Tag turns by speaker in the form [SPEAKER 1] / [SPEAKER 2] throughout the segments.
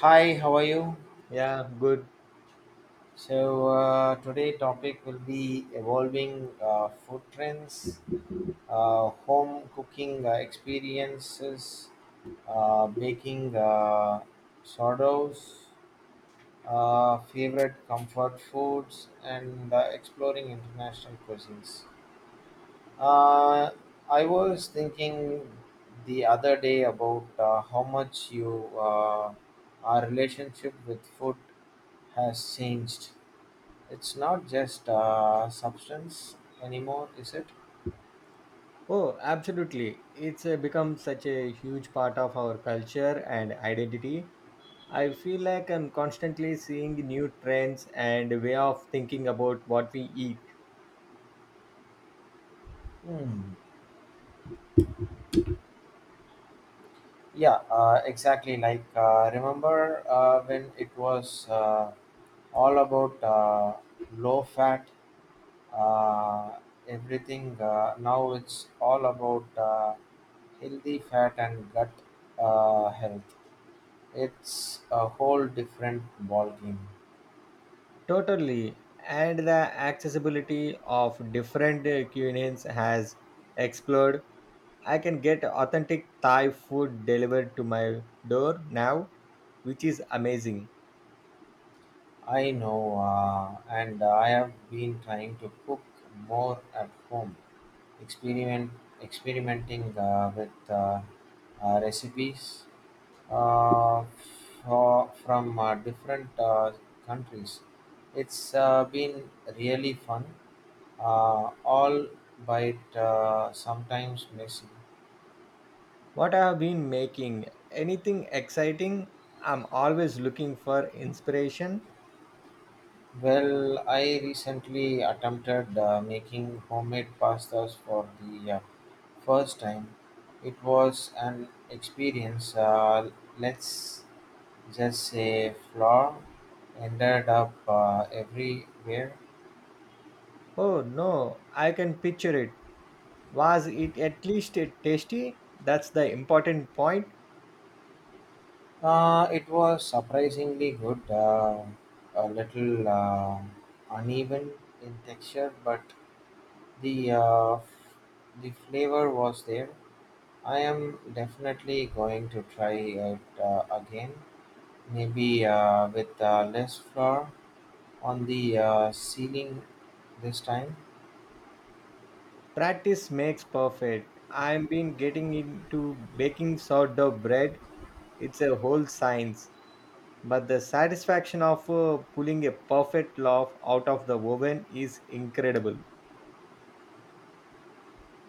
[SPEAKER 1] Hi, how are you?
[SPEAKER 2] Yeah, good.
[SPEAKER 1] So today topic will be evolving food trends, home cooking experiences, baking sourdoughs, favorite comfort foods, and exploring international cuisines. Uh, I was thinking the other day about how much you our relationship with food has changed. It's not just substance anymore, is it?
[SPEAKER 2] Oh, absolutely. It's become such a huge part of our culture and identity. I feel like I'm constantly seeing new trends and way of thinking about what we eat.
[SPEAKER 1] Hmm. Yeah, exactly. Like, remember when it was all about low fat, uh, everything. Now it's all about healthy fat and gut health. It's a whole different ballgame.
[SPEAKER 2] Totally. And the accessibility of different cuisines has explored. I can get authentic Thai food delivered to my door now, which is amazing.
[SPEAKER 1] I know, and I have been trying to cook more at home. experiment Experimenting with recipes uh, from different countries. It's been really fun, all but sometimes messy.
[SPEAKER 2] What I have been making. Anything exciting? I'm always looking for inspiration.
[SPEAKER 1] Well, I recently attempted making homemade pastas for the first time. It was an experience. Let's Just a flour ended up everywhere.
[SPEAKER 2] Oh no, I can picture it. Was it at least tasty? That's the important point.
[SPEAKER 1] It was surprisingly good, a little uneven in texture, but the uh, f- the flavor was there. I am definitely going to try it again, maybe with less flour on the ceiling this time.
[SPEAKER 2] Practice makes perfect. I've been getting into baking sourdough bread. It's a whole science. But the satisfaction of pulling a perfect loaf out of the oven is incredible.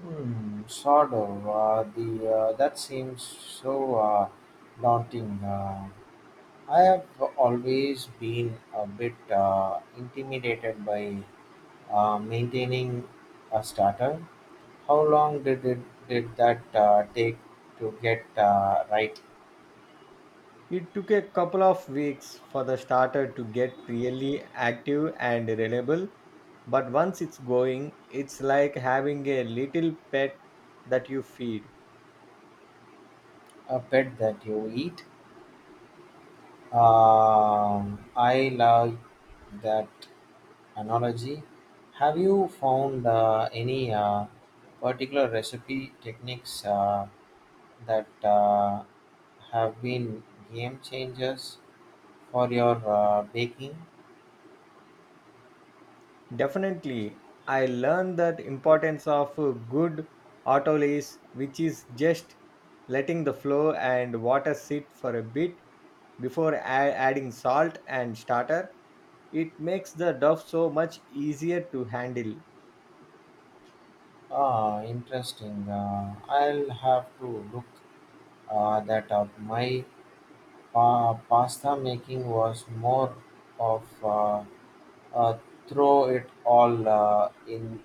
[SPEAKER 1] Hmm, sort of. The That seems so daunting. I have always been a bit intimidated by maintaining a starter. How long did it Did that take to get right?
[SPEAKER 2] It took a couple of weeks for the starter to get really active and reliable, but once it's going, it's like having a little pet that you feed.
[SPEAKER 1] A pet that you eat? Um, I love that analogy. Have you found any particular recipe techniques that have been game changers for your baking?
[SPEAKER 2] Definitely, I learned that importance of a good autolysis, which is just letting the flow and water sit for a bit before a- adding salt and starter. It makes the dough so much easier to handle.
[SPEAKER 1] Ah, interesting. I'll have to look that up. My pasta making was more of uh, throw it all in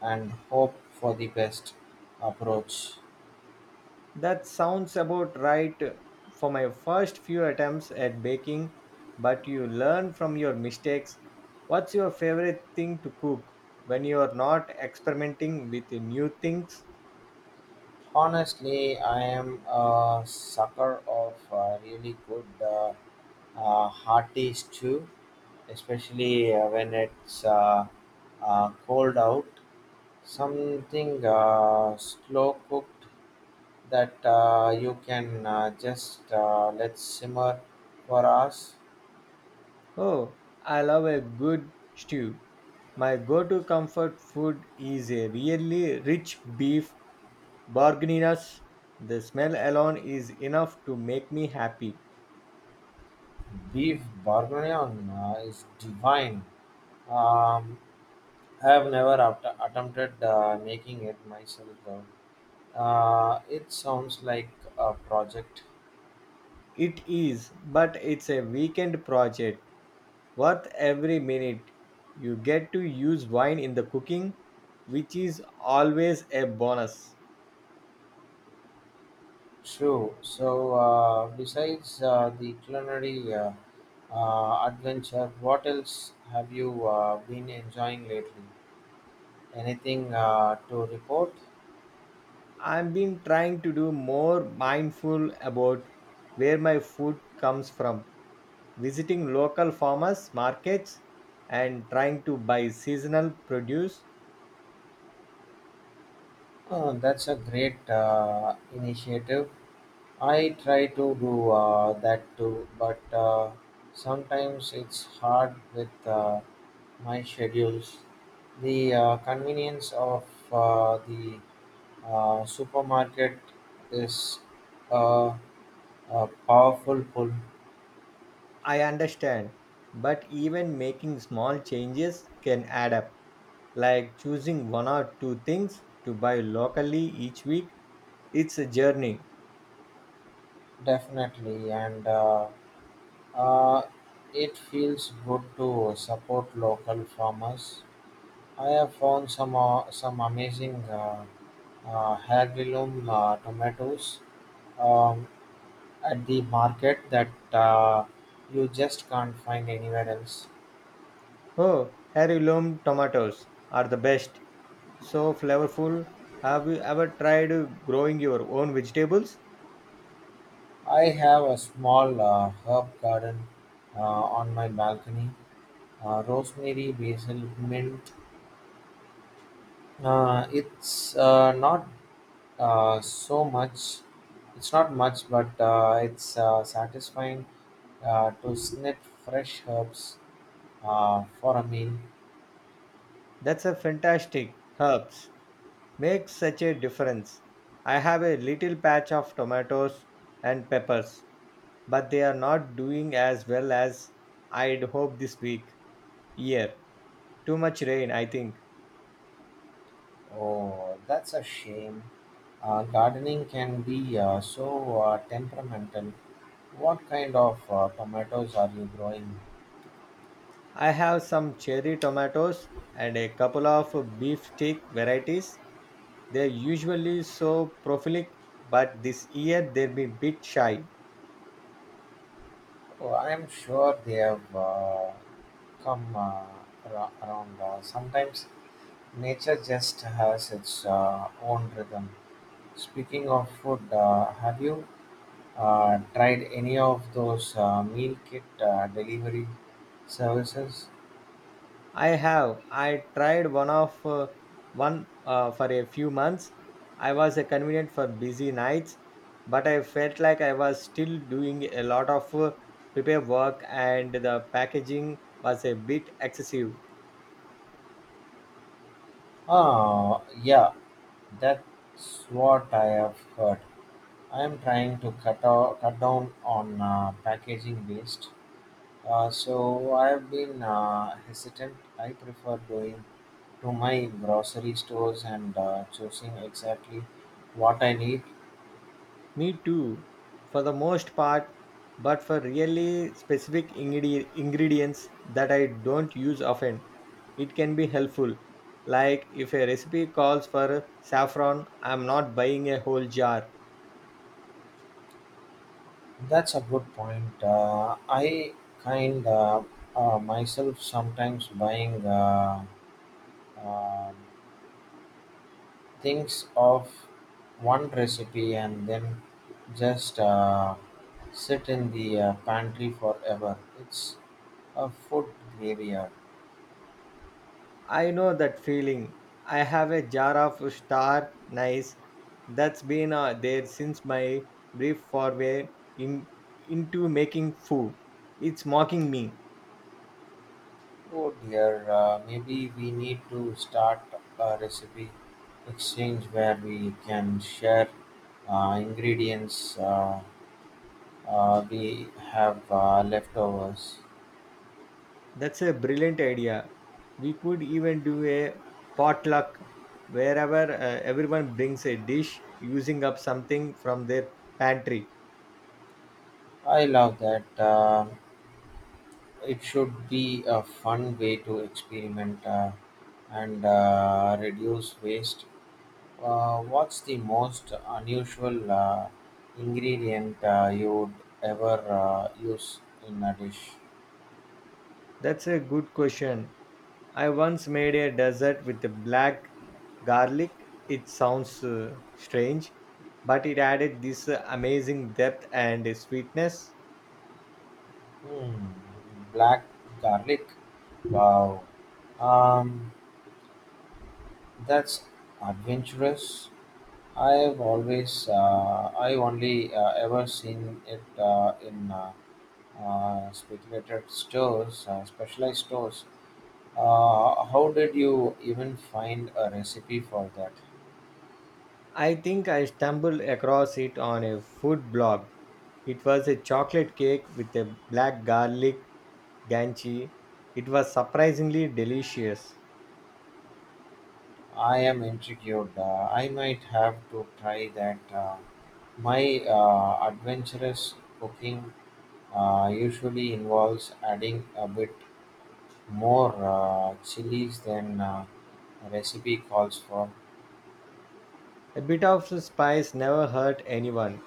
[SPEAKER 1] and hope for the best approach.
[SPEAKER 2] That sounds about right for my first few attempts at baking, but you learn from your mistakes. What's your favorite thing to cook when you are not experimenting with new things?
[SPEAKER 1] Honestly, I am a sucker of really good hearty stew, especially when it's cold out. Something slow cooked that you can just let simmer for hours.
[SPEAKER 2] Oh, I love a good stew. My go to comfort food is a really rich beef bourguignon. The smell alone is enough to make me happy.
[SPEAKER 1] Beef bourguignon is divine. Um, I have never attempted making it myself though. It sounds like a project.
[SPEAKER 2] It is, but it's a weekend project. Worth every minute. You get to use wine in the cooking, which is always a bonus.
[SPEAKER 1] True. So, besides the culinary adventure, what else have you been enjoying lately? Anything to report?
[SPEAKER 2] I've been trying to do more mindful about where my food comes from, visiting local farmers markets and trying to buy seasonal produce.
[SPEAKER 1] Oh, that's a great initiative. I try to do that too, but sometimes it's hard with my schedules. The convenience of the supermarket is uh, a powerful pull,
[SPEAKER 2] I understand, but even making small changes can add up like choosing one or two things to buy locally each week. It's a journey.
[SPEAKER 1] definitely, and uh, it feels good to support local farmers. I have found some amazing heirloom tomatoes um, at the market that uh, you just can't find anywhere else.
[SPEAKER 2] Oh, heirloom tomatoes are the best. So flavorful. Have you ever tried growing your own vegetables?
[SPEAKER 1] I have a small herb garden uh, on my balcony. Rosemary, basil, mint. It's not so much. It's not much, but it's satisfying to snip fresh herbs for a meal.
[SPEAKER 2] That's a fantastic. Herbs make such a difference. I have a little patch of tomatoes and peppers, but they are not doing as well as I'd hoped this week. Year. Too much rain, I think.
[SPEAKER 1] Oh, that's a shame. Gardening can be so temperamental. What kind of tomatoes are you growing?
[SPEAKER 2] I have some cherry tomatoes and a couple of beef steak varieties. They're usually so prolific, but this year they've been a bit shy.
[SPEAKER 1] Oh, I'm sure they have come around. Sometimes nature just has its own rhythm. Speaking of food, have you tried any of those meal kit delivery services?
[SPEAKER 2] I have. I tried one for a few months. I was convenient for busy nights, but I felt like I was still doing a lot of prepare work, and the packaging was a bit excessive.
[SPEAKER 1] Ah, yeah, that's what I have heard. I am trying to cut down on packaging waste. So I have been hesitant. I prefer going to my grocery stores and choosing exactly what I need.
[SPEAKER 2] Me too, for the most part, but for really specific ingredients that I don't use often, it can be helpful. Like if a recipe calls for saffron, I'm not buying a whole jar.
[SPEAKER 1] That's a good point. I kind of myself sometimes buying um, thinks of one recipe and then just sit in the pantry forever. It's a food graveyard.
[SPEAKER 2] I know that feeling. I have a jar of star nice that's been there since my brief in, into making foo. It's mocking me.
[SPEAKER 1] Oh dear, maybe we need to start a recipe exchange where we can share ingredients we have leftovers.
[SPEAKER 2] That's a brilliant idea. We could even do a potluck wherever everyone brings a dish using up something from their pantry.
[SPEAKER 1] I love that. It should be a fun way to experiment, and reduce waste. What's the most unusual ingredient you'd ever use in a dish?
[SPEAKER 2] That's a good question. I once made a dessert with the black garlic. It sounds strange, but it added this amazing depth and sweetness.
[SPEAKER 1] Hmm, black garlic. Wow, um, that's adventurous. I only ever seen it in specialized stores. How did you even find a recipe for that?
[SPEAKER 2] I think I stumbled across it on a food blog. It was a chocolate cake with a black garlic ganchi. It was surprisingly delicious.
[SPEAKER 1] I am intrigued. I might have to try that. My adventurous cooking usually involves adding a bit more chilies than recipe calls for.
[SPEAKER 2] A bit of spice never hurt anyone.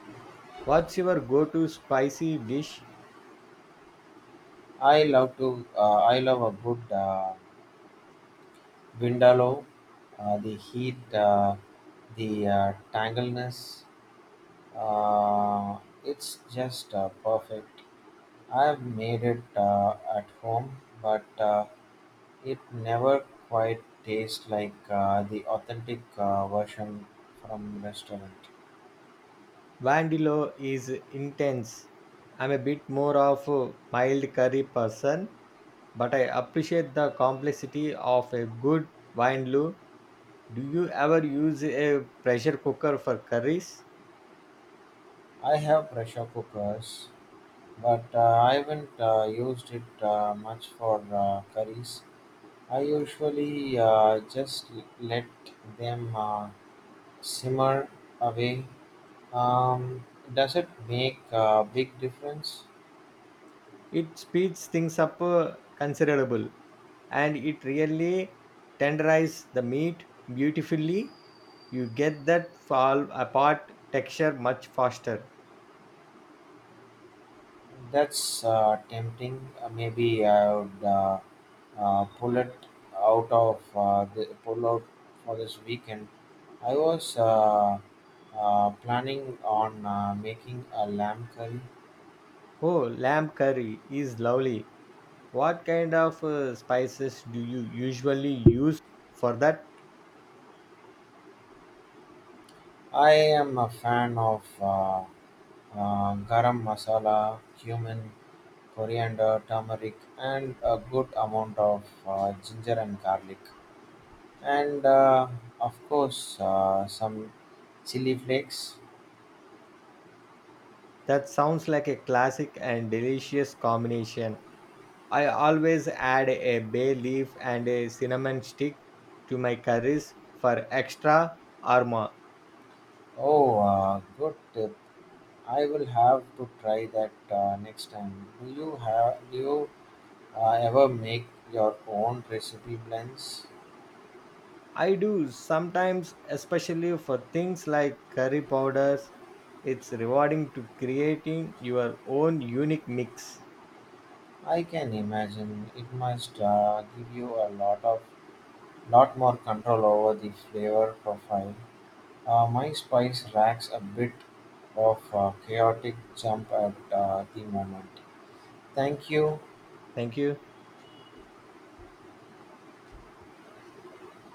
[SPEAKER 2] What's your go to spicy dish?
[SPEAKER 1] I love to. I love a good vindaloo. The heat, the tangleness. Uh, it's just perfect. I've made it at home, but it never quite tastes like the authentic version from restaurant.
[SPEAKER 2] Vandilo is intense. I'm a bit more of a mild curry person, but I appreciate the complexity of a good vindaloo. Do you ever use a pressure cooker for curries?
[SPEAKER 1] I have pressure cookers, but I haven't used it much for curries. I usually just let them simmer away. Um, does it make a big difference?
[SPEAKER 2] It speeds things up considerable and it really tenderizes the meat beautifully. You get that fall apart texture much faster.
[SPEAKER 1] That's tempting. Maybe I would pull it out of the pull out for this weekend. I was planning on making a lamb curry.
[SPEAKER 2] Oh, lamb curry is lovely. What kind of spices do you usually use for that?
[SPEAKER 1] I am a fan of garam masala, cumin, coriander, turmeric, and a good amount of ginger and garlic, and of course some chili flakes.
[SPEAKER 2] That sounds like a classic and delicious combination. I always add a bay leaf and a cinnamon stick to my curries for extra aroma.
[SPEAKER 1] Oh, good, I will have to try that next time. Do you ever make your own recipe blends?
[SPEAKER 2] I do sometimes, especially for things like curry powders. It's rewarding to creating your own unique mix.
[SPEAKER 1] I can imagine it must give you a lot of lot more control over the flavor profile. My spice racks a bit of chaotic jump at the moment. Thank you.
[SPEAKER 2] Thank you.